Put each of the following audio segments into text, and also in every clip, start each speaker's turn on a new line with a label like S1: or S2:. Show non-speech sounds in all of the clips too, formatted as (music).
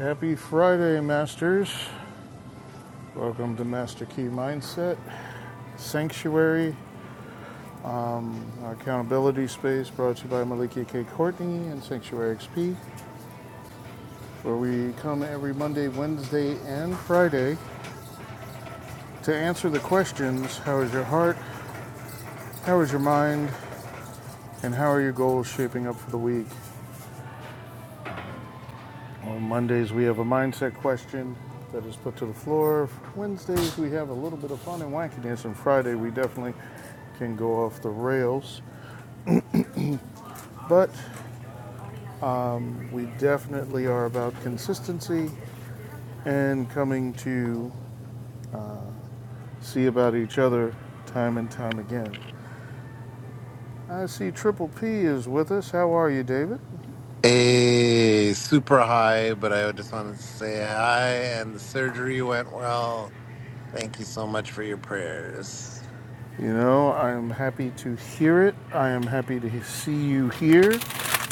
S1: Happy Friday, Masters. Welcome to Master Key Mindset Sanctuary, our accountability space brought to you by Maliki K. Courtney and Sanctuary XP, where we come every Monday, Wednesday, and Friday to answer the questions How is your heart? How is your mind? And how are your goals shaping up for the week? On Mondays, we have a mindset question that is put to the floor. Wednesdays, we have a little bit of fun and wackiness, and Friday, we definitely can go off the rails. But we definitely are about consistency and coming to see about each other time and time again. I see Triple P is with us. How are you, David?
S2: Hey, super high, but I just wanted to say hi, and the surgery went well. Thank you so much for your prayers.
S1: You know, I am happy to hear it. I am happy to see you here.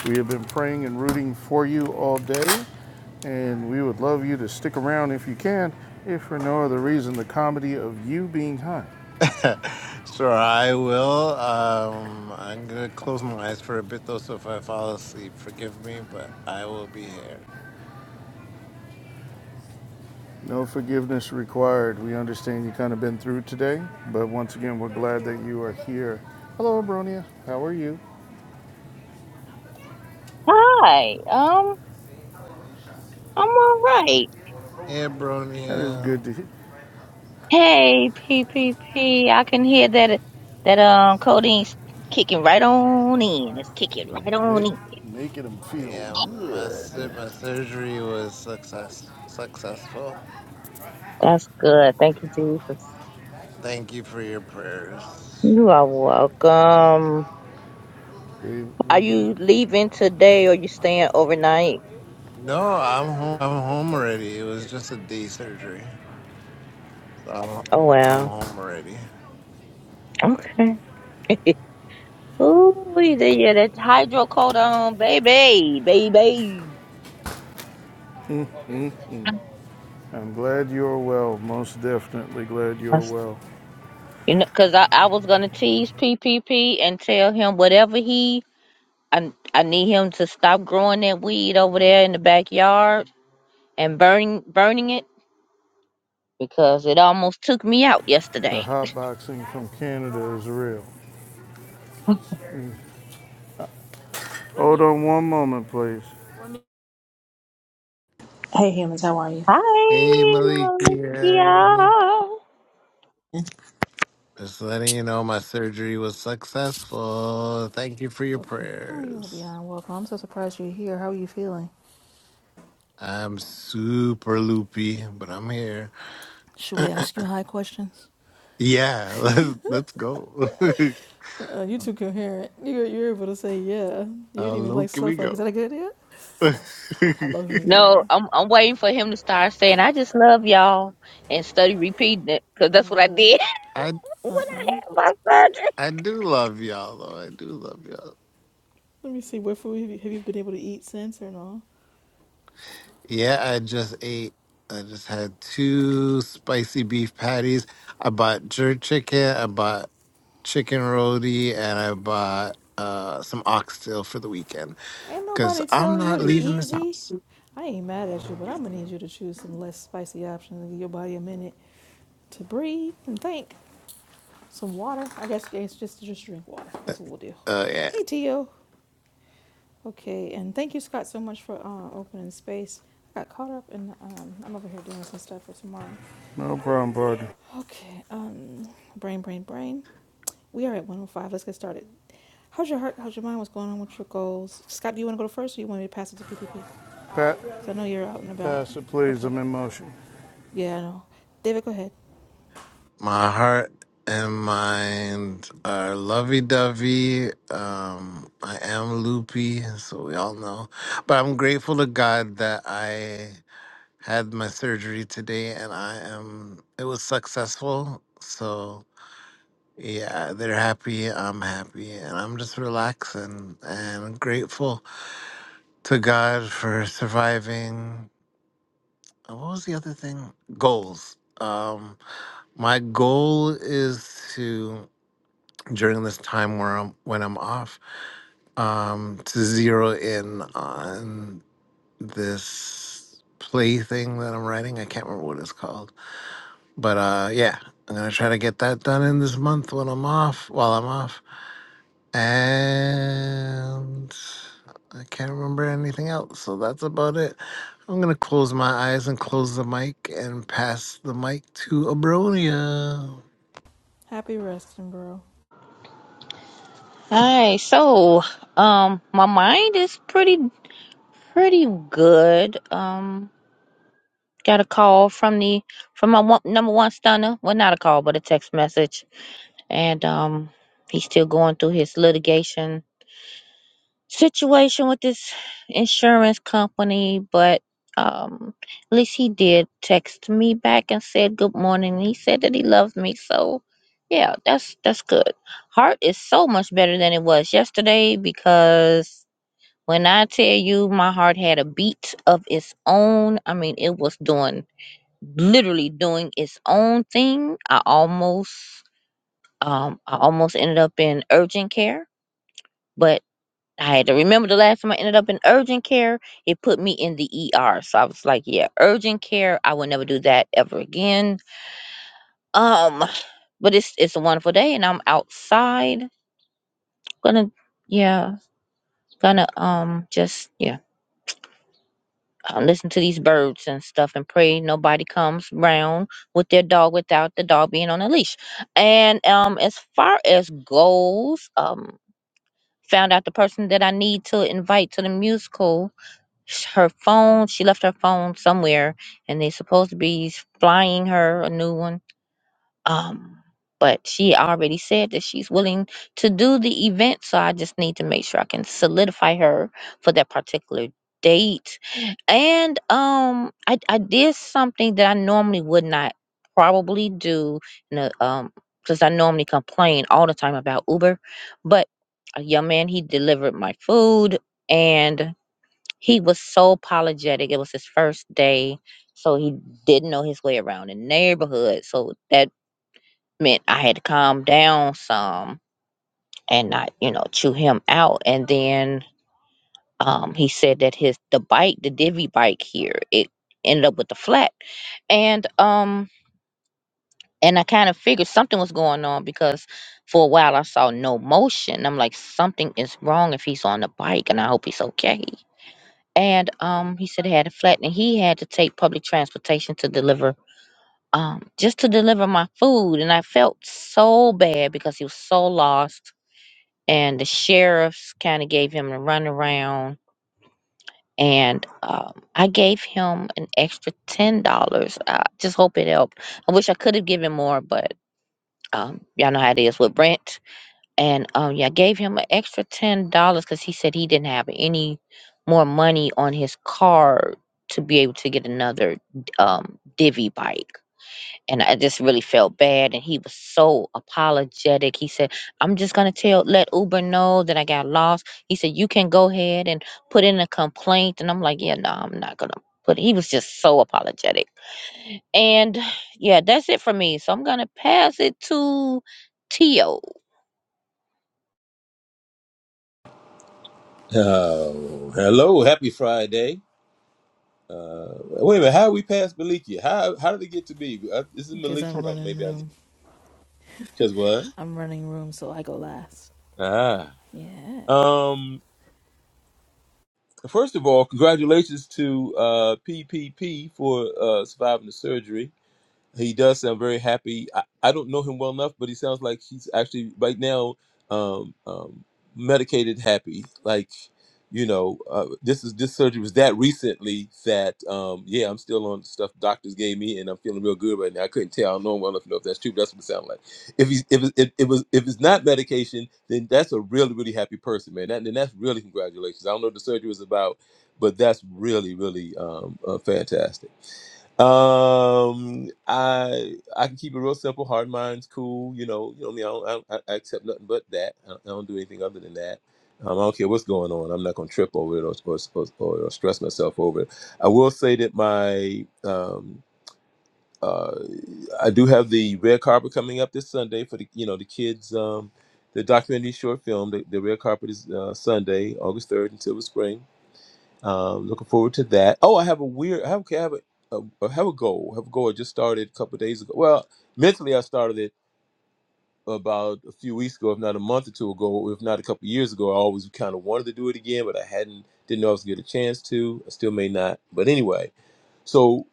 S1: We have been praying and rooting for you all day, and we would love you to stick around if you can, if for no other reason, the comedy of you being high.
S2: (laughs) sure, I will. Um, I'm gonna close my eyes for a bit though, so if I fall asleep, forgive me, but I will be here.
S1: No forgiveness required. We understand you kind of been through today, but once again, we're glad that you are here. Hello, Abronia. How are you?
S3: Hi, um, I'm all right.
S2: Hey,
S1: That is
S2: Bronia.
S1: good to hear.
S3: Hey, pppi can hear that that um codeine's kicking right on in. It's kicking right on in.
S1: Ma- making them feel
S2: Yeah, my
S1: good.
S2: sur- my surgery was success successful.
S3: That's good. Thank you, Jesus.
S2: Thank you for your prayers.
S3: You are welcome.
S1: We've,
S3: Are
S1: we've been.
S3: you leaving today or you staying overnight?
S2: No, I'm home. I'm home already. It was just a day surgery. So I'm,
S3: Oh
S2: I'm
S3: wow.
S2: home already.
S3: Okay. (laughs) Ooh, we did yeah, that hydrocodone, baby, baby.
S1: I'm glad you're well. Most definitely glad you're
S3: That's-
S1: well.
S3: You know, cause I, I was gonna tease P P P and tell him whatever he I I need him to stop growing that weed over there in the backyard and burning burning it because it almost took me out
S1: The
S3: yesterday.
S1: hot boxing from Canada is real. Hold on one moment, please.
S4: Hey humans, how are you?
S2: Hey,
S3: Hi,
S2: Malikia.
S3: Mauricio.
S2: Just letting you know my surgery was successful. Thank you for your
S4: Okay, how are you are
S2: prayers.
S4: beyond welcome. I'm so surprised you're here. How are you feeling?
S2: I'm super loopy, but I'm here.
S4: Should we ask you high questions?
S2: Yeah, (laughs) let's let's go. (laughs)
S4: Uh, you too coherent. You're, you're able to say yeah. You
S2: How
S4: didn't even like
S2: low can
S4: slow
S2: we
S4: like, is
S2: go?
S4: that a good idea?
S2: (laughs)
S4: How low he ain't go
S3: No,
S4: by.
S3: I'm I'm waiting for him to start saying I just love y'all and study repeating it because
S4: Oh
S3: that's
S4: my
S3: what I
S4: lord.
S3: did
S2: I
S3: (laughs) when I had my surgery.
S2: I do love y'all though. I do love y'all.
S4: Let me see, what food have you, have you been able to eat since or no?
S2: Yeah, I just ate. I just had two spicy beef patties. I bought jerk chicken. I bought chicken roti, and I bought uh, some oxtail for the weekend
S4: Ain't
S2: because
S4: nobody
S2: I'm
S4: tell you
S2: not
S4: to
S2: leaving this
S4: easy.
S2: house.
S4: I ain't mad at you, but I'm gonna need you to choose some less spicy options and give your body a minute to breathe and think. Some water. I guess it's just just drink water. That's what we'll do.
S2: Uh, yeah,
S4: Hey Tio. Okay, and thank you, Scott, so much for uh, opening space. I got caught up in, um, I'm over here doing some stuff for tomorrow.
S1: No problem, partner.
S4: Okay, um, brain, brain, brain. We are at 105. Let's get started. How's your heart? How's your mind? What's going on with your goals? Scott, do you want to go first or you want me to pass it to PPP?
S1: Pat,
S4: Because I know you're out and about.
S1: pass it, please.
S4: Okay.
S1: I'm in motion.
S4: Yeah, I know. David, go ahead.
S2: my heart and mind are lovey-dovey. Um, I am loopy, so we all know. But I'm grateful to God that I had my surgery today and I am it was successful. So yeah, they're happy, I'm happy, and I'm just relaxing and grateful to God for surviving uh, what was the other thing? Goals. Um my goal is to during this time where I'm when I'm off, um to zero in on this play thing that I'm writing. I can't remember what it's called But uh, yeah, I'm gonna try to get that done in this month when I'm off. While I'm off, and I can't remember anything else. So that's about it. I'm gonna close my eyes and close the mic and pass the mic to Abronia.
S4: Happy resting, bro.
S3: Hi, so um, my mind is pretty pretty good. Um, got a call from the from my one, number one stunner. Well, not a call, but a text message and um, he's still going through his litigation situation with this insurance company. But um, at least he did text me back and said good morning. He said that he loves me, so yeah, that's that's good. Heart is so much better than it was yesterday because when I tell you my heart had a beat of its own, I mean it was doing literally doing its own thing. I almost um, I almost ended up in urgent care, but I had to remember the last time I ended up in urgent care, it put me in the ER. So I was like, yeah, urgent care, I will never do that ever again. Um, (sighs) but it's it's a wonderful day and I'm outside. Gonna yeah, gonna um just yeah. Uh, listen to these birds and stuff and pray nobody comes round with their dog without the dog being on a leash. And um as far as goals, um. Found out the person that I need to invite to the musical, her phone, she left her phone somewhere, and they supposed to be flying her a new one um, but she already said that she's willing to do the event, so I just need to make sure I can solidify her for that particular date. And um, I I did something that I normally would not probably do, you know, um, because I normally complain all the time about Uber, but a young man he delivered my food and he was so apologetic. It was his first day, so he didn't know his way around the neighborhood. So that meant I had to calm down some and not, you know, chew him out. And then um, he said that his the bike, the divvy bike here, it ended up with the flat. And um and I kind of figured something was going on because for a while I saw no motion. I'm like, something is wrong if he's on the bike and I hope he's okay. And um he said he had a flat and he had to take public transportation to deliver um just to deliver my food and I felt so bad because he was so lost and the sheriff kind of gave him a runaround. And um, I gave him an extra ten dollars. I just hope it helped. I wish I could have given more, but um, y'all know how it is with Brent. And um, yeah, I gave him an extra ten dollars because he said he didn't have any more money on his card to be able to get another um, divvy bike and I just really felt bad. And he was so apologetic. He said, "I'm just gonna tell, let Uber know that I got lost." He said, "You can go ahead and put in a complaint." And I'm like, "Yeah, no, I'm not gonna." put." he was just so apologetic. And (sighs) yeah, that's it for me. So I'm gonna pass it to Tio.
S5: Oh, hello, happy Friday. Uh, wait a minute, how we pass Maliki? How how did it get to me? Uh, This is
S4: Because
S5: Maliki?
S4: I'm
S5: Oh,
S4: running
S5: maybe I
S4: room.
S5: because what?
S4: I'm running room, so I go last.
S5: Ah,
S4: Yeah.
S5: um. First of all, congratulations to uh, PPP for uh, surviving the surgery. he does sound very happy. I, I don't know him well enough, but he sounds like he's actually right now um, um, medicated happy. Like, you know, uh, this is this surgery was that recently that um, yeah, I'm still on the stuff doctors gave me, and I'm feeling real good right now. I couldn't tell. I don't know him well enough to know if that's true. But that's what it sounds like. If he's if it, if it was if it's not medication, then that's a really really happy person, man. That, and that's really congratulations. I don't know what the surgery was about, but that's really really um, uh, fantastic. Um, I I can keep it real simple. Hard mind's cool. You know, you know me. I, don't, I, don't- I I accept nothing but that. I don't, I don't do anything other than that. Um, I don't care what's going on. I'm not gonna trip over it or or, or, or or stress myself over it. I will say that my um uh I do have the red carpet coming up this Sunday for the you know the kids um the documentary short film. The, the red carpet is uh, Sunday, August third in Silver Spring uh, looking forward to that. Oh, I have a weird. I have, okay, I have a, a I have a goal. I have a goal. I just started a couple of days ago. Well, mentally, I started it about a few weeks ago, if not a month or two ago, if not a couple of years ago. I always kind of wanted to do it again, but I hadn't. Didn't know I was gonna get a chance to. I still may not. But anyway, so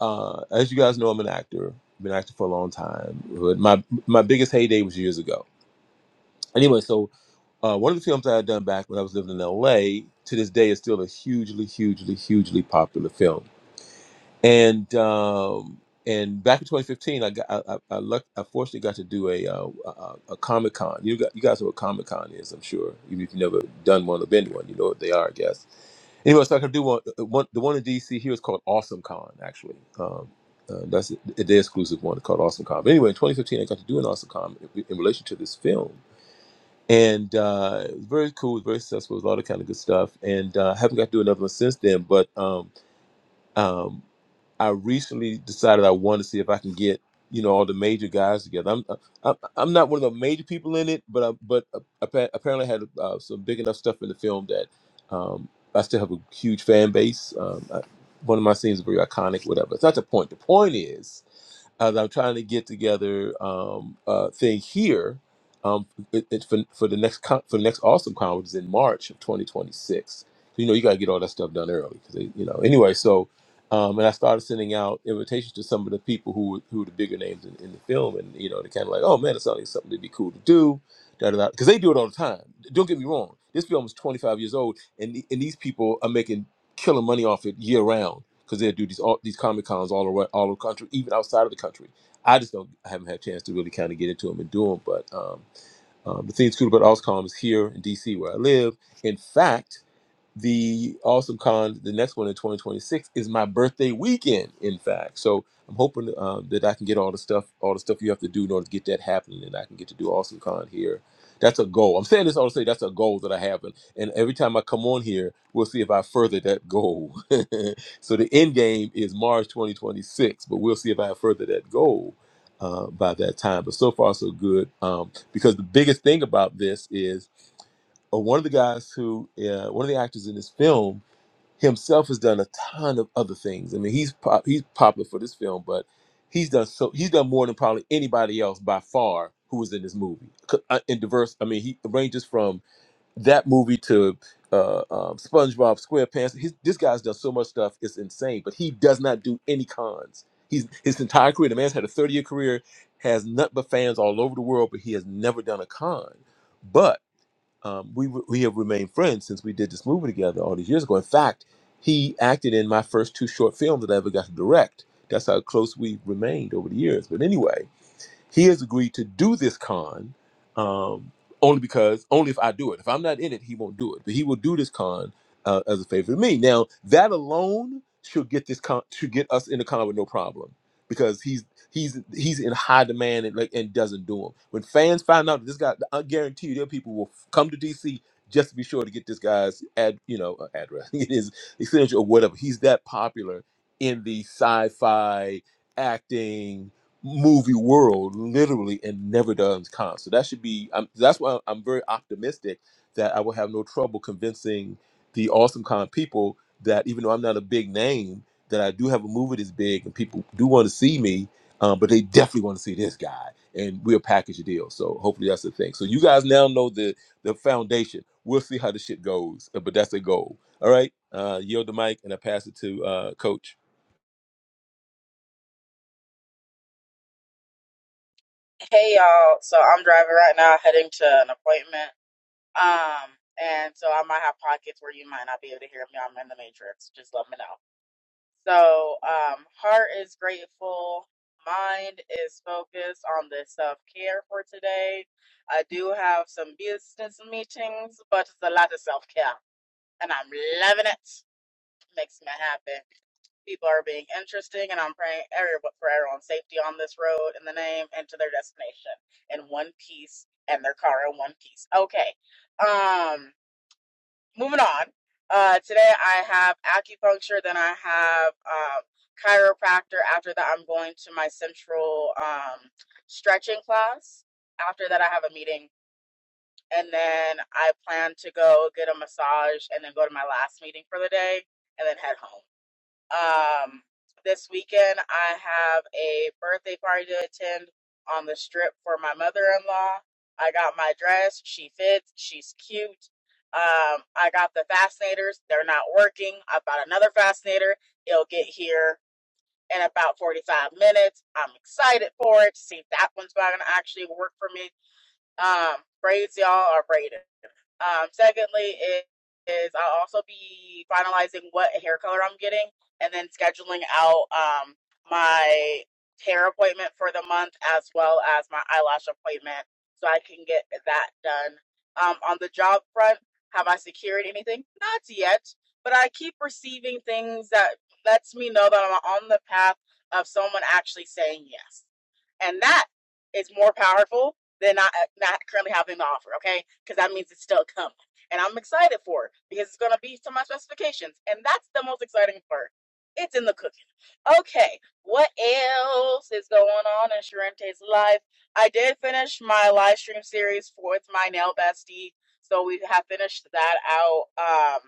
S5: uh, as you guys know, I'm an actor. I've been an actor for a long time. But my my biggest heyday was years ago. Anyway, so uh, one of the films I had done back when I was living in LA to this day is still a hugely, hugely, hugely popular film. and um and back in 2015 i got i i, I, luck, I fortunately got to do a uh, a, a comic con you got you guys know what comic con is i'm sure even if you've never done one or been to one you know what they are i guess anyway so i could do one, uh, one the one in dc here is called awesome con actually um uh, that's a day exclusive one called Awesome Con. But anyway, in 2015, I got to do an Awesome Con in, in relation to this film, and uh, it was very cool, it was very successful, it was a lot of kind of good stuff. And uh, I haven't got to do another one since then. But um, um, I recently decided I wanted to see if I can get you know all the major guys together. I'm uh, I'm, I'm not one of the major people in it, but I, but uh, appa- apparently I had uh, some big enough stuff in the film that um, I still have a huge fan base. Um, I, one of my scenes is very iconic, whatever. It's not the point. The point is as I'm trying to get together um, uh, thing here um, it, it, for, for the next con- for the next awesome con, which is in March of 2026. You know, you got to get all that stuff done early because you know. Anyway, so um, and I started sending out invitations to some of the people who were, who were the bigger names in, in the film, and you know, they're kind of like, oh man, it's something something to be cool to do. da da da, Because they do it all the time. Don't get me wrong. This film is 25 years old, and the- and these people are making killer money off it year round because they do these all these comic cons all around all over the country, even outside of the country. I just don't I haven't had a chance to really kind of get into them and do them. But um, um, the thing that's cool about OzCon is here in DC where I live. In fact the awesome con the next one in 2026 is my birthday weekend in fact so i'm hoping um, that i can get all the stuff all the stuff you have to do in order to get that happening and i can get to do awesome con here that's a goal i'm saying this all to say that's a goal that i have and, and every time i come on here we'll see if i further that goal (laughs) so the end game is march 2026 but we'll see if i further that goal uh, by that time but so far so good um, because the biggest thing about this is or one of the guys who uh, one of the actors in this film himself has done a ton of other things. I mean, he's pop, he's popular for this film, but he's done so he's done more than probably anybody else by far who was in this movie. C- uh, In diverse, I mean, he ranges from that movie to uh, um, SpongeBob SquarePants. His, this guy's done so much stuff; it's insane. But he does not do any cons. He's his entire career. The man's had a thirty-year career, has nut but fans all over the world, but he has never done a con um, we we have remained friends since we did this movie together all these years ago. In fact, he acted in my first two short films that I ever got to direct. That's how close we remained over the years. But anyway, he has agreed to do this con um, only because, only if I do it. If I'm not in it, he won't do it. But he will do this con uh, as a favor to me. Now, that alone should get this con, should get us in the con with no problem because he's he's he's in high demand and like and doesn't do them. When fans find out that this guy, I guarantee you, there are people who will f- come to DC just to be sure to get this guy's ad, you know, uh, address, (laughs) his extension or whatever. He's that popular in the sci-fi acting, movie world literally and never done con. So that should be. I'm, that's why I'm very optimistic that I will have no trouble convincing the awesome con people that even though I'm not a big name, that I do have a movie that's big and people do want to see me, um, but they definitely want to see this guy, and we'll package a deal. So hopefully that's the thing. So you guys now know the the foundation. We'll see how the shit goes, uh, but that's the goal. All right, uh, yield the mic and I pass it to uh, Coach.
S6: Hey y'all. So I'm driving right now, heading to an appointment. Um, and so I might have pockets where you might not be able to hear me. I'm in the matrix. Just let me know. So, um, heart is grateful. Mind is focused on the self care for today. I do have some business meetings, but it's a lot of self care, and I'm loving it makes me happy. People are being interesting, and I'm praying everyone, for everyone's safety on this road in the name and to their destination in one piece and their car in one piece. Okay. Um, moving on. Uh, today I have acupuncture, then I have um, chiropractor. After that, I'm going to my central um, stretching class. After that, I have a meeting, and then I plan to go get a massage and then go to my last meeting for the day and then head home. Um, this weekend, I have a birthday party to attend on the strip for my mother in law. I got my dress. She fits. She's cute. Um, I got the fascinators. They're not working. I bought another fascinator. It'll get here in about 45 minutes. I'm excited for it to see if that one's going to actually work for me. Um, braids, y'all, are braided. Um, secondly, is, is I'll also be finalizing what hair color I'm getting and then scheduling out um, my hair appointment for the month as well as my eyelash appointment so I can get that done. Um, on the job front, have I secured anything? Not yet, but I keep receiving things that lets me know that I'm on the path of someone actually saying yes and that is more powerful than I not currently having to offer. Okay, because that means it's still coming, and I'm excited for it because it's gonna be to my specifications, and that's the most exciting part. It's in the cooking. Okay, what else is going on in Sharente's life? I did finish my live stream series for with my nail bestie, so we have finished that out. Um,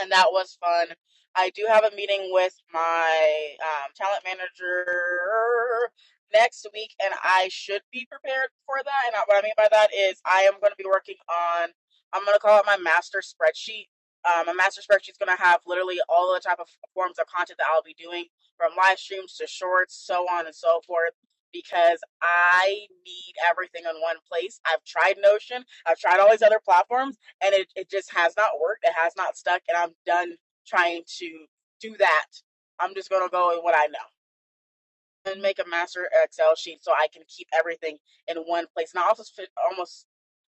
S6: and that was fun. I do have a meeting with my um, talent manager next week, and I should be prepared for that. And what I mean by that is, I am going to be working on, I'm going to call it my master spreadsheet. Um, my master spreadsheet is going to have literally all the type of forms of content that I'll be doing, from live streams to shorts, so on and so forth. Because I need everything in one place. I've tried Notion. I've tried all these other platforms and it, it just has not worked. It has not stuck, and I'm done trying to do that. I'm just gonna go with what I know and make a master Excel sheet so I can keep everything in one place. And I also almost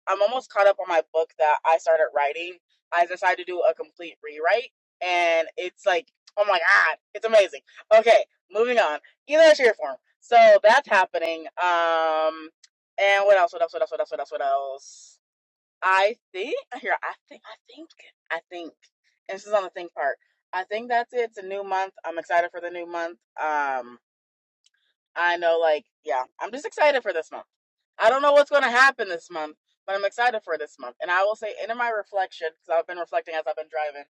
S6: I'm almost caught up on my book that I started writing. I decided to do a complete rewrite, and it's like oh my god, it's amazing. Okay, moving on. Either shape or form. So that's happening. Um, and what else? What else? What else? What else? What else? What else? I think (laughs) here, I think, I think, I think, and this is on the think part. I think that's it. It's a new month. I'm excited for the new month. Um, I know, like, yeah, I'm just excited for this month. I don't know what's going to happen this month, but I'm excited for this month. And I will say, into my reflection, because I've been reflecting as I've been driving.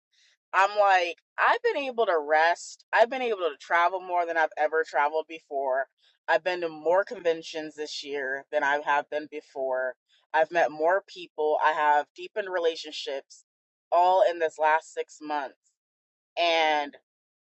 S6: I'm like, I've been able to rest. I've been able to travel more than I've ever traveled before. I've been to more conventions this year than I have been before. I've met more people. I have deepened relationships all in this last six months. And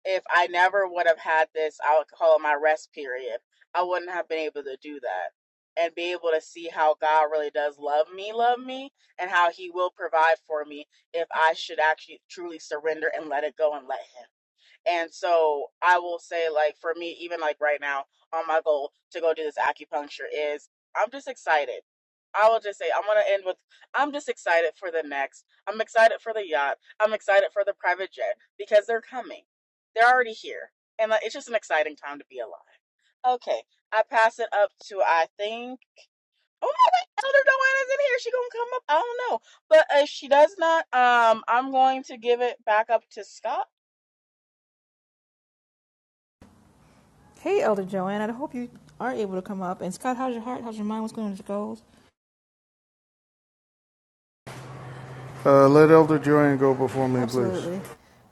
S6: if I never would have had this I'll call it my rest period, I wouldn't have been able to do that and be able to see how God really does love me, love me, and how He will provide for me if I should actually truly surrender and let it go and let Him. And so I will say, like, for me, even like right now, on my goal to go do this acupuncture is I'm just excited. I will just say, I'm going to end with I'm just excited for the next. I'm excited for the yacht. I'm excited for the private jet because they're coming. They're already here. And like, it's just an exciting time to be alive. Okay. I pass it up to, I think, oh my wait, Elder Doanna's in here. She going to come up. I don't know. But if she does not, um, I'm going to give it back up to Scott
S4: Hey, Elder Joanne. I hope you are able to come up. And Scott, how's your heart? How's your mind? What's going on with your goals?
S1: Uh, let Elder Joanne go before me, please.
S4: Absolutely.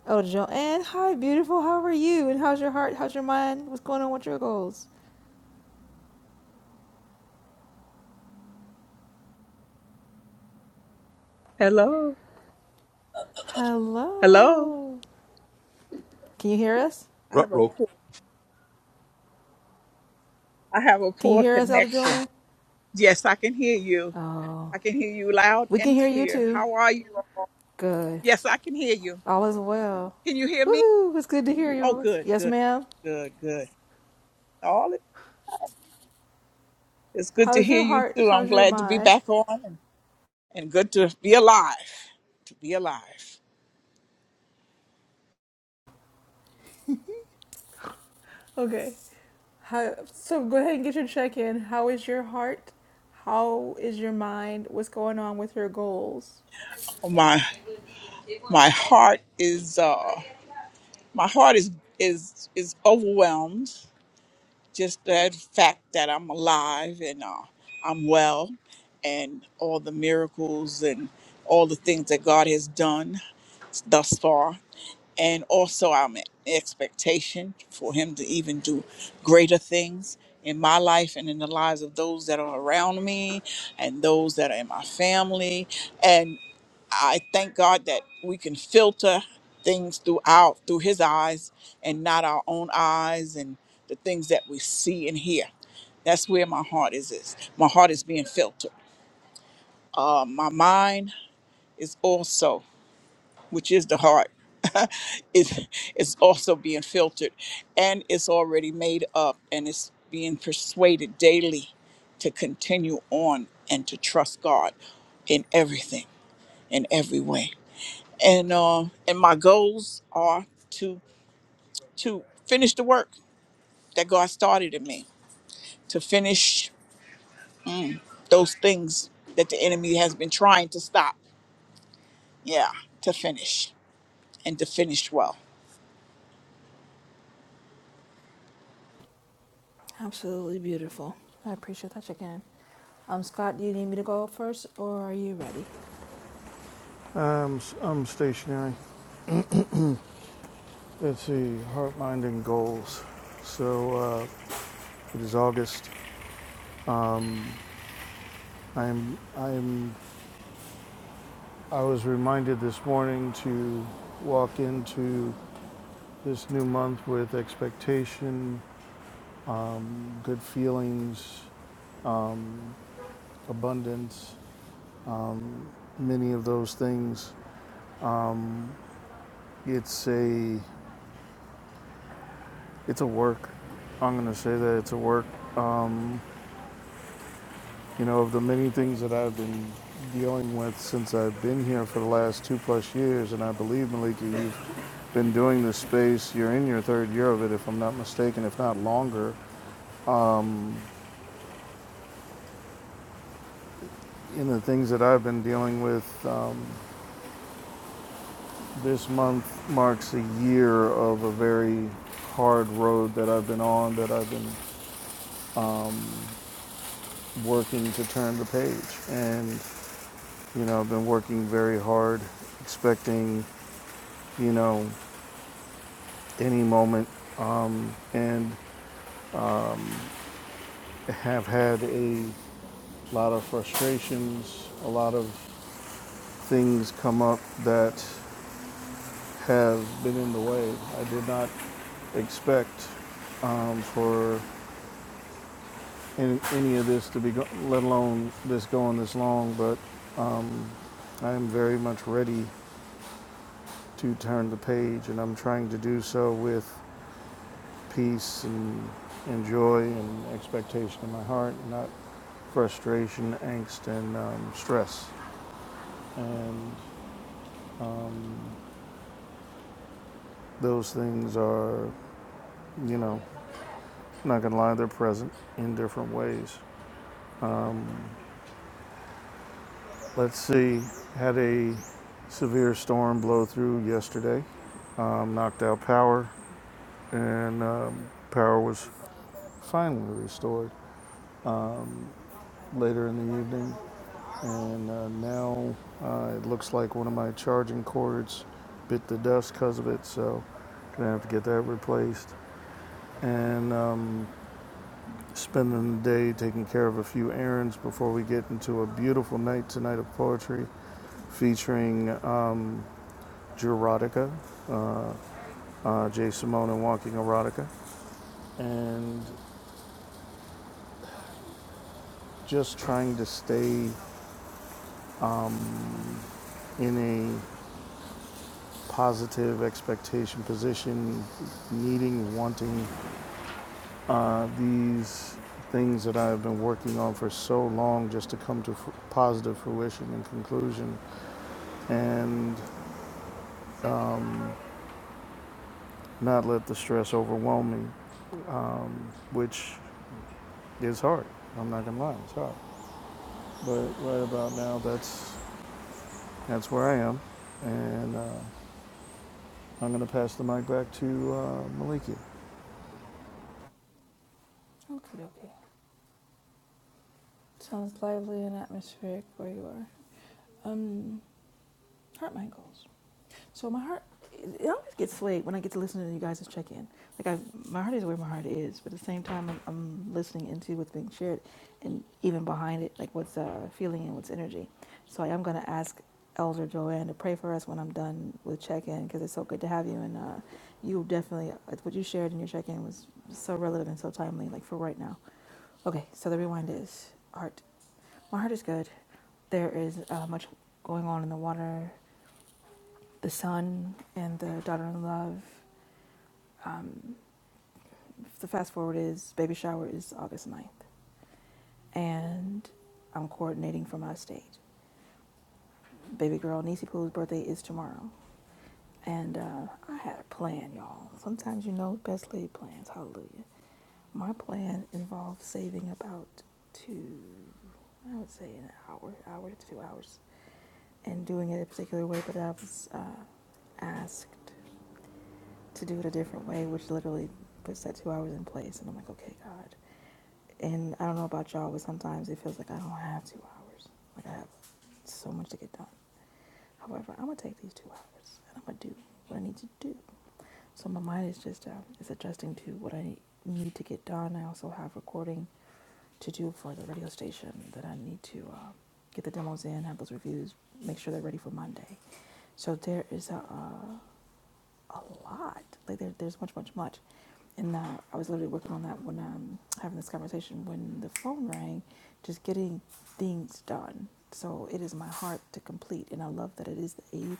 S4: Oh, Joanne, hi, beautiful. How are you? And how's your heart? How's your mind? What's going on with your goals?
S7: Hello. Hello.
S4: Hello. Can you hear us?
S7: I have a
S5: Ruh-roh.
S7: poor I have a
S4: Can you
S7: poor
S4: hear us, Elder
S7: connection.
S4: Joanne?
S7: Yes, I can hear you.
S4: Oh,
S7: I can hear you loud
S4: we can
S7: and
S4: hear you
S7: clear.
S4: too.
S7: How are you?
S4: Good.
S7: Yes, I can hear you.
S4: All is well.
S7: Can you hear me?
S4: Woohoo! It's good to hear your
S7: Oh
S4: voice.
S7: good,
S4: Yes,
S7: good,
S4: ma'am.
S7: good, good. All it- it's good to
S4: How's
S7: hear
S4: your
S7: you
S4: heart?
S7: too. I'm
S4: How's your
S7: glad to be
S4: mind?
S7: back on and, and good to be alive. To be alive.
S4: Okay. How, so go ahead and get your check in. How is your heart? How is your mind? What's going on with your goals?
S7: My my heart is uh my heart is is is overwhelmed just that fact that I'm alive and uh, I'm well, and all the miracles and all the things that God has done thus far. And also, I'm in expectation for Him to even do greater things in my life and in the lives of those that are around me and those that are in my family. And I thank God that we can filter things throughout through His eyes and not our own eyes and the things that we see and hear. That's where my heart is. is. My heart is being filtered. Uh, my mind is also, which is the heart, (laughs) is is also being filtered, and it's already made up, and it's being persuaded daily to continue on and to trust God in everything, in every way. And uh, and my goals are to to finish the work that God started in me to finish those things that the enemy has been trying to stop. Yeah, to finish and to finish well.
S4: Absolutely beautiful. I appreciate that chicken. Um, Scott, do you need me to go first, or are you ready?
S1: I'm, I'm stationary. Let's see, heart, mind, and goals. So uh, it is August. Um, I am. I am. I was reminded this morning to walk into this new month with expectation, um, good feelings, um, abundance, many of those things. It's a. It's a work. I'm going to say that it's a work. Um, You know, of the many things that I've been dealing with since I've been here for the last two plus years, and I believe, Malika, you've been doing this space. You're in your third year of it, if I'm not mistaken, if not longer. Um, In the things that I've been dealing with, um, this month marks a year of a very hard road that I've been on, that I've been um, working to turn the page. And, you know, I've been working very hard, expecting you know, any moment um, and have had a lot of frustrations, a lot of things come up that have been in the way. I did not expect um, for any, any of this to be, go- let alone this going this long, but um, I am very much ready to turn the page, and I'm trying to do so with peace and, and joy and expectation in my heart, not frustration, angst, and um, stress. And um, those things are, you know, not gonna lie, they're present in different ways. Um, let's see, had a severe storm blow through yesterday, um, knocked out power, and um, power was finally restored um, later in the evening. and uh, now uh, it looks like one of my charging cords bit the dust because of it, so I'm gonna have to get that replaced. And um, spending the day taking care of a few errands before we get into a beautiful night tonight of poetry featuring um, Jerotica, uh, uh, Jay Simone and Walking Erotica, and just trying to stay um, in positive expectation position, needing, wanting uh, these things that I've been working on for so long just to come to f- positive fruition and conclusion, and um, not let the stress overwhelm me, um, which is hard. I'm not gonna lie, it's hard. But right about now, that's that's where I am, and uh, I'm gonna pass the mic back to uh, Maliki.
S4: Okay, okay. Sounds lively and atmospheric where you are. Um, heart Michaels. So my heart, it always gets swayed when I get to listen to you guys' check-in. Like I, my heart is where my heart is, but at the same time, I'm, I'm listening into what's being shared, and even behind it, like what's uh, feeling and what's energy. So I am gonna ask Elder Joanne to pray for us when I'm done with check-in because it's so good to have you, and uh, you definitely uh, what you shared in your check-in was so relevant and so timely, like for right now. Okay, so the rewind is heart. My heart is good. There is uh, much going on in the water the son and the daughter in law Um, the fast forward is baby shower is August ninth, and I'm coordinating from my stage. Baby girl Niecy Pooh's birthday is tomorrow, and uh, I had a plan, y'all. Sometimes you know best laid plans. Hallelujah. My plan involved saving about two, I would say an hour, hour to two hours, and doing it a particular way. But I was uh, asked to do it a different way, which literally puts that two hours in place. And I'm like, okay, God. And I don't know about y'all, but sometimes it feels like I don't have two hours. Like I have so much to get done. However, I'm gonna take these two hours and I'm gonna do what I need to do. So my mind is just um, is adjusting to what I need to get done. I also have recording to do for the radio station that I need to um, get the demos in, have those reviews, make sure they're ready for Monday. So there is a, uh, a lot. Like there, there's much, much, much. And uh, I was literally working on that when um, having this conversation when the phone rang, just getting things done. So it is my heart to complete, and I love that it is the eighth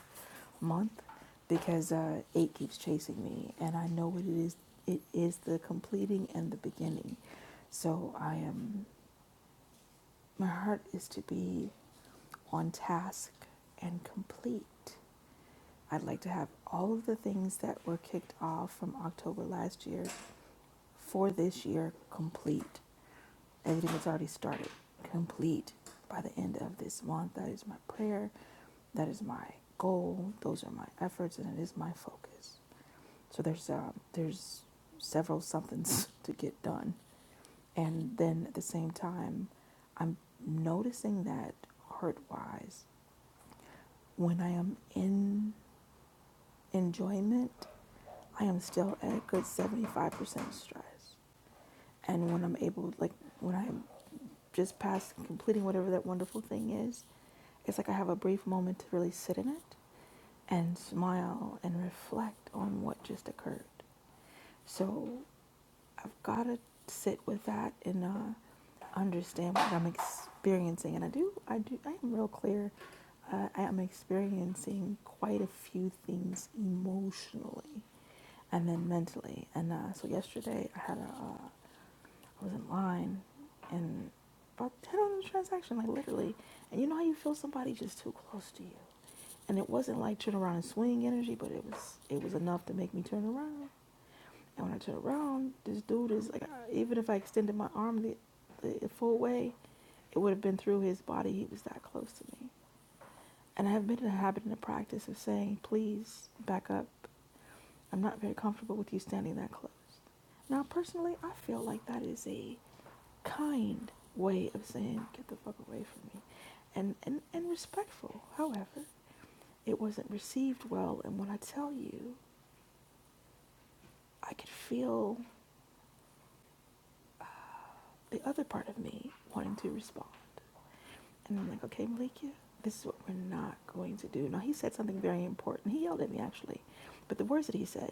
S4: month because uh, eight keeps chasing me, and I know what it is. It is the completing and the beginning. So I am. My heart is to be on task and complete. I'd like to have all of the things that were kicked off from October last year for this year complete. Everything that's already started, complete by the end of this month. That is my prayer. That is my goal. Those are my efforts, and it is my focus. So there's um, there's several somethings (laughs) to get done, and then at the same time, I'm noticing that heart wise, when I am in enjoyment, I am still at a good 75% stress. And when I'm able, like when I'm just past completing whatever that wonderful thing is, It's like I have a brief moment to really sit in it and smile and reflect on what just occurred. So I've got to sit with that and uh, understand what I'm experiencing. And I do, I do, I am real clear. Uh, I am experiencing quite a few things emotionally and then mentally. And uh, so yesterday I had a, uh, I was in line and about 10 on the transaction, like literally. And you know how you feel somebody just too close to you? And it wasn't like turn around and swing energy, but it was it was enough to make me turn around. And when I turned around, this dude is like, even if I extended my arm the, the full way, it would have been through his body. He was that close to me. And I have been in the habit and the practice of saying, please back up. I'm not very comfortable with you standing that close. Now, personally, I feel like that is a kind way of saying, get the fuck away from me. And, and, and respectful. However, it wasn't received well. And when I tell you I could feel the other part of me wanting to respond. And I'm like, okay, Malika, this is what we're not going to do. Now, he said something very important. He yelled at me, actually. But the words that he said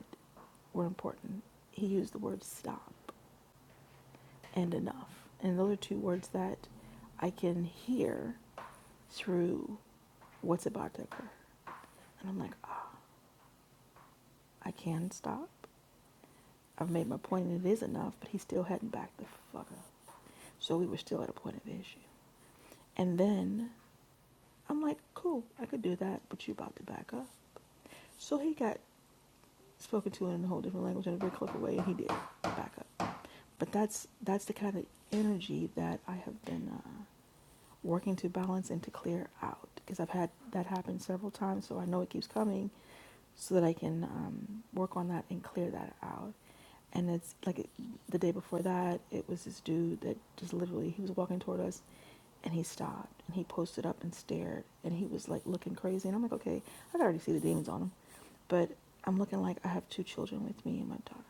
S4: were important. He used the word stop and enough. And those are two words that I can hear through what's about to occur. And I'm like, ah, oh, I can stop. I've made my point and it is enough, but he still hadn't backed the fuck up. So we were still at a point of issue. And then I'm like, cool, I could do that, but you about to back up. So he got spoken to in a whole different language in a very clever way, and he did back up. But that's that's the kind of energy that I have been uh, working to balance and to clear out because I've had that happen several times, so I know it keeps coming, so that I can um, work on that and clear that out. And it's like it, the day before that, it was this dude that just literally he was walking toward us, and he stopped and he posted up and stared and he was like looking crazy. And I'm like, okay, I could already see the demons on him, but I'm looking like I have two children with me and my daughter.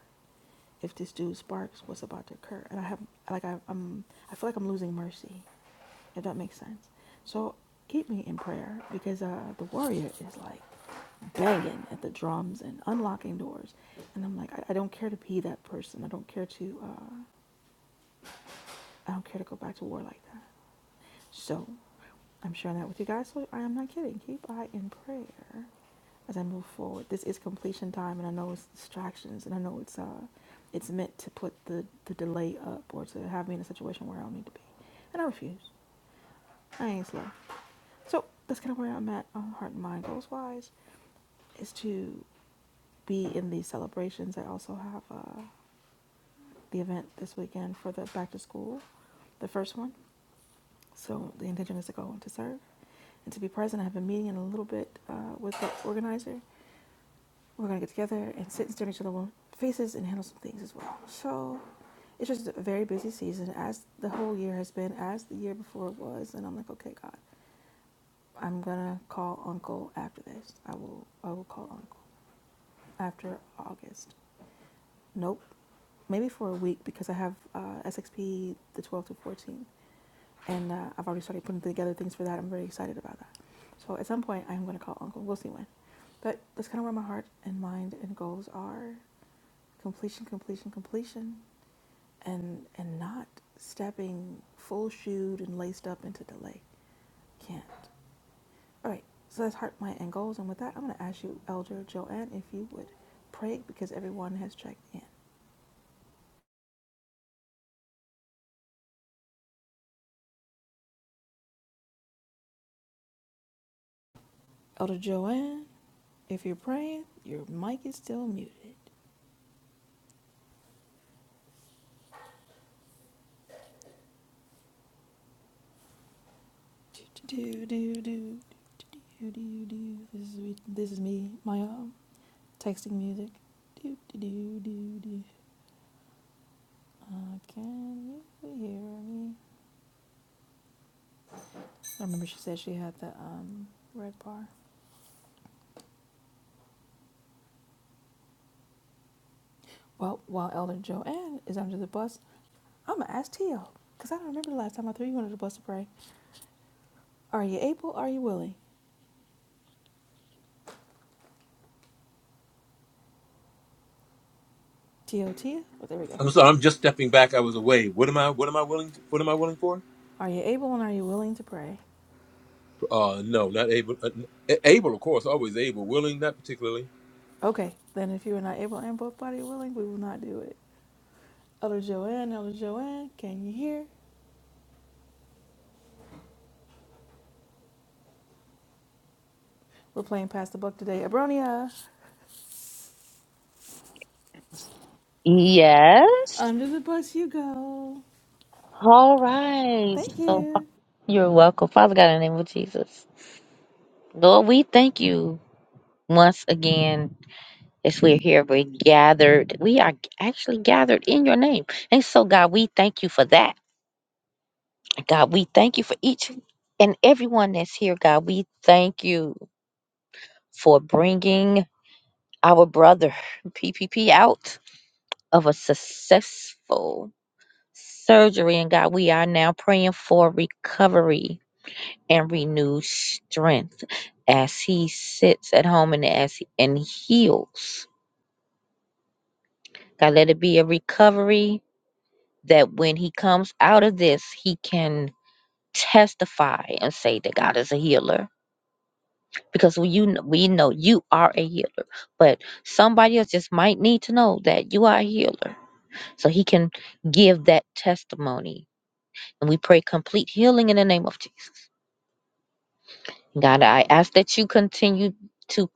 S4: If this dude sparks, what's about to occur? And I have like I, I'm I feel like I'm losing mercy. If that makes sense. So keep me in prayer because uh, the warrior is like banging at the drums and unlocking doors. And I'm like, I, I don't care to be that person. I don't care to, uh, I don't care to go back to war like that. So I'm sharing that with you guys. So I am not kidding. Keep I in prayer as I move forward. This is completion time, and I know it's distractions, and I know it's, uh, it's meant to put the, the delay up or to have me in a situation where I don't need to be. And I refuse. I ain't slow. So that's kind of where I'm at on heart and mind goals wise is to be in these celebrations. I also have, uh, the event this weekend for the back to school, the first one. So the intention is to go and to serve and to be present. I have a meeting in a little bit uh, with the organizer. We're gonna get together and sit and stare at each other's faces and handle some things as well. So it's just a very busy season, as the whole year has been, as the year before it was. And I'm like, okay, God, I'm gonna call Uncle after this. I will, I will call Uncle after August. Nope, maybe for a week because I have uh, SXP the 12th to 14th and uh, I've already started putting together things for that. I'm very excited about that. So at some point, I'm going to call Uncle. We'll see when. But that's kind of where my heart and mind and goals are: completion, completion, completion, and and not stepping full shoed and laced up into delay. Can't. All right. So that's heart, mind, and goals. And with that, I'm going to ask you, Elder Joanne, if you would pray because everyone has checked in. Elder Joanne, if you're praying, your mic is still muted. Do do do do do do do. This is me, this is me, my um, texting music. Do do do do do. Can you hear me? I remember she said she had the um red bar. Well, while Elder Joanne is under the bus, I'ma ask Tio, cause I don't remember the last time I threw you under the bus to pray. Are you able? Are you willing? Tio, Tia. Oh, there we go.
S5: I'm sorry. I'm just stepping back. I was away. What am I? What am I willing? To, what am I willing for?
S4: Are you able and are you willing to pray?
S5: Uh, no, not able. Uh, able, of course, always able. Willing, not particularly.
S4: Okay, then if you are not able and both body willing, we will not do it. Elder Joanne, Elder Joanne, can you hear? We're playing Pass the Buck today. Abronia,
S3: Yes.
S4: under the bus you go.
S3: All right.
S4: Thank
S3: So
S4: you.
S3: you're welcome. Father God, in the name of Jesus. Lord, we thank you once again As we're here, we're gathered. We are actually gathered in your name. And so, God, we thank you for that. God, we thank you for each and everyone that's here. God, we thank you for bringing our brother (laughs) PPP out of a successful surgery. And God, we are now praying for recovery and renewed strength as he sits at home and as and heals. God, let it be a recovery that when he comes out of this, he can testify and say that God is a healer. Because we you kn- we know you are a healer, but somebody else just might need to know that you are a healer, so he can give that testimony. And we pray complete healing in the name of Jesus. God, I ask that you continue to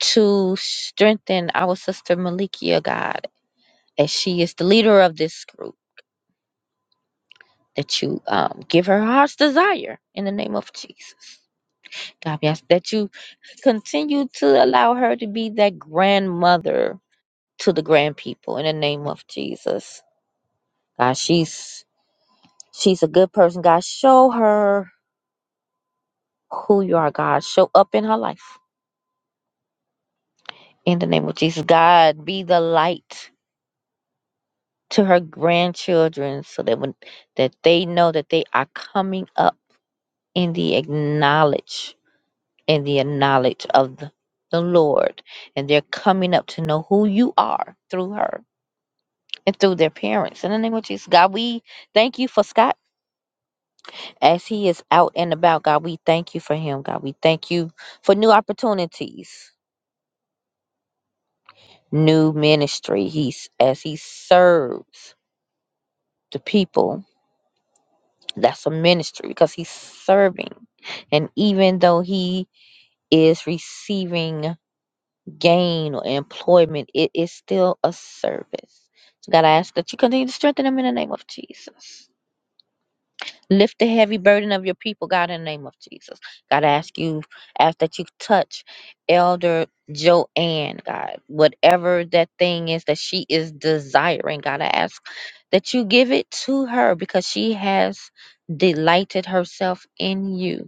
S3: to strengthen our sister Malikia, God, as she is the leader of this group. That you um, give her heart's desire in the name of Jesus. God, yes, that you continue to allow her to be that grandmother to the grand people in the name of Jesus. God, she's she's a good person. God, show her who you are, God. Show up in her life. In the name of Jesus. God, be the light to her grandchildren so that when that they know that they are coming up in the acknowledge in the knowledge of the the Lord, and they're coming up to know who you are through her and through their parents. In the name of Jesus, God, we thank you for Scott as he is out and about. God, we thank you for him. God, we thank you for new opportunities, new ministry. He's as he serves the people. That's a ministry because he's serving. And even though he is receiving gain or employment, it is still a service. So God, I ask that you continue to strengthen him in the name of Jesus. Lift the heavy burden of your people, God, in the name of Jesus. God, I ask you, ask that you touch Elder Joanne, God, whatever that thing is that she is desiring, God, I ask that you give it to her because she has delighted herself in you.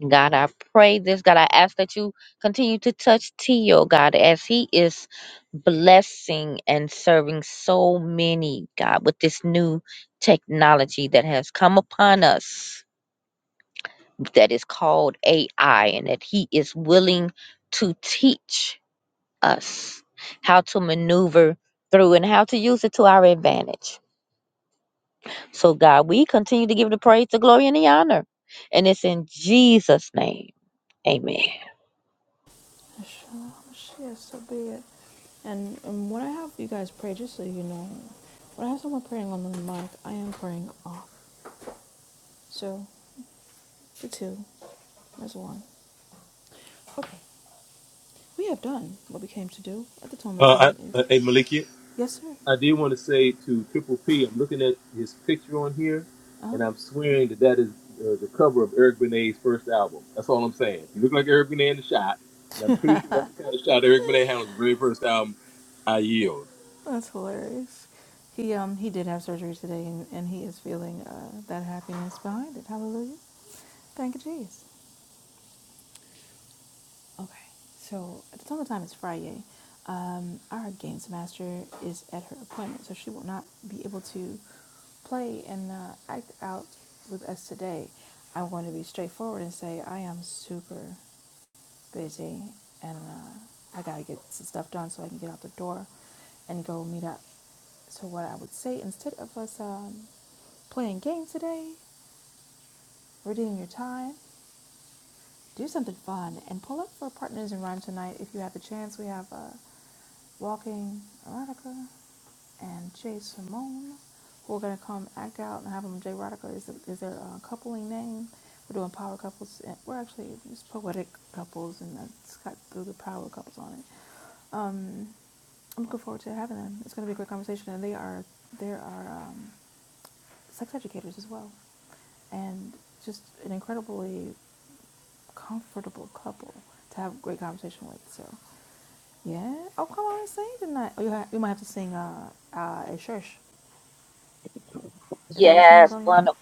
S3: God, I pray this. God, I ask that you continue to touch Tio, God, as he is blessing and serving so many, God, with this new technology that has come upon us that is called AI, and that he is willing to teach us how to maneuver through and how to use it to our advantage. So, God, we continue to give the praise, the glory, and the honor. And it's in Jesus' name. Amen.
S4: Michelle, Michelle, so be it. And, and when I have you guys pray, just so you know, when I have someone praying on the mic, I am praying off. So, for two, there's one. Okay. We have done what we came to do at the time of
S5: Uh,
S4: time is
S5: I, uh, hey Maliki,
S4: yes, sir.
S5: I do want to say to Triple P. I'm looking at his picture on here,
S4: Uh,
S5: and I'm swearing that that is uh, the cover of Eric Benet's first album. That's all I'm saying. You look like Eric Benet in the shot, and I'm pretty sure that's the kind of shot Eric Benet had on his very first album. I yield.
S4: that's hilarious. He um he did have surgery today, and, and he is feeling uh, that happiness behind it. Hallelujah. Thank you, Jesus. Okay, so at the time of time it's Friday. Um, our games master is at her appointment, so she will not be able to play and uh, act out with us today. I'm going to be straightforward and say I am super busy and uh, I gotta get some stuff done so I can get out the door and go meet up. So what I would say instead of us um, playing games today, redeem your time do something fun and pull up for partners in rhyme tonight if you have the chance. We have uh, Walking Erotica and Jay Simone who are gonna come act out and have them. Jay Erotica is is their uh, coupling name. We're doing power couples. And we're actually just poetic couples and it's got the the power couples on it. Um, I'm looking forward to having them. It's gonna be a great conversation and they are they are um, sex educators as well and just an incredibly comfortable couple to have a great conversation with. So, yeah. Oh, come on and sing tonight. Oh, you, ha- you might have to sing uh, uh, a church. Is that what you mean,
S3: Yes,
S4: Abronia?
S3: one of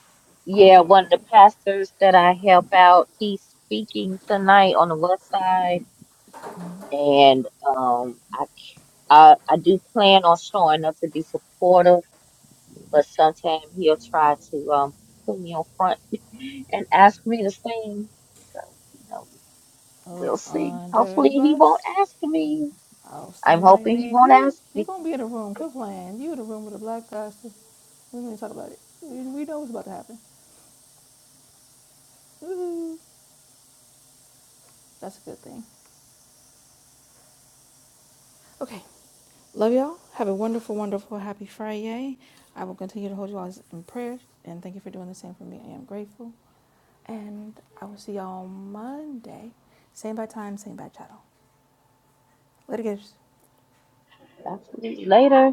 S3: yeah,
S4: Okay, okay,
S3: one of the
S4: okay.
S3: pastors that I help out, he's speaking tonight on the west side, and um, I I I do plan on showing up to be supportive but sometimes he'll try to um, put me on front (laughs) and ask me to sing. So, you know,
S4: Oh,
S3: we'll see.
S4: under
S3: Hopefully,
S4: the
S3: he won't
S4: bus.
S3: ask me.
S4: Oh,
S3: I'm
S4: somebody
S3: hoping he
S4: named
S3: won't
S4: you.
S3: ask
S4: You're
S3: me.
S4: going to be in the room. Quit playing. You in the room with a black pastor. We don't even talk about it. We, we know what's about to happen. Woo-hoo. That's a good thing. Okay. Love y'all. Have a wonderful, wonderful, happy Friday. I will continue to hold you all in prayer. And thank you for doing the same for me. I am grateful. And I will see y'all Monday. Same bad time, same bad channel. Later, guys.
S3: Absolutely. Later.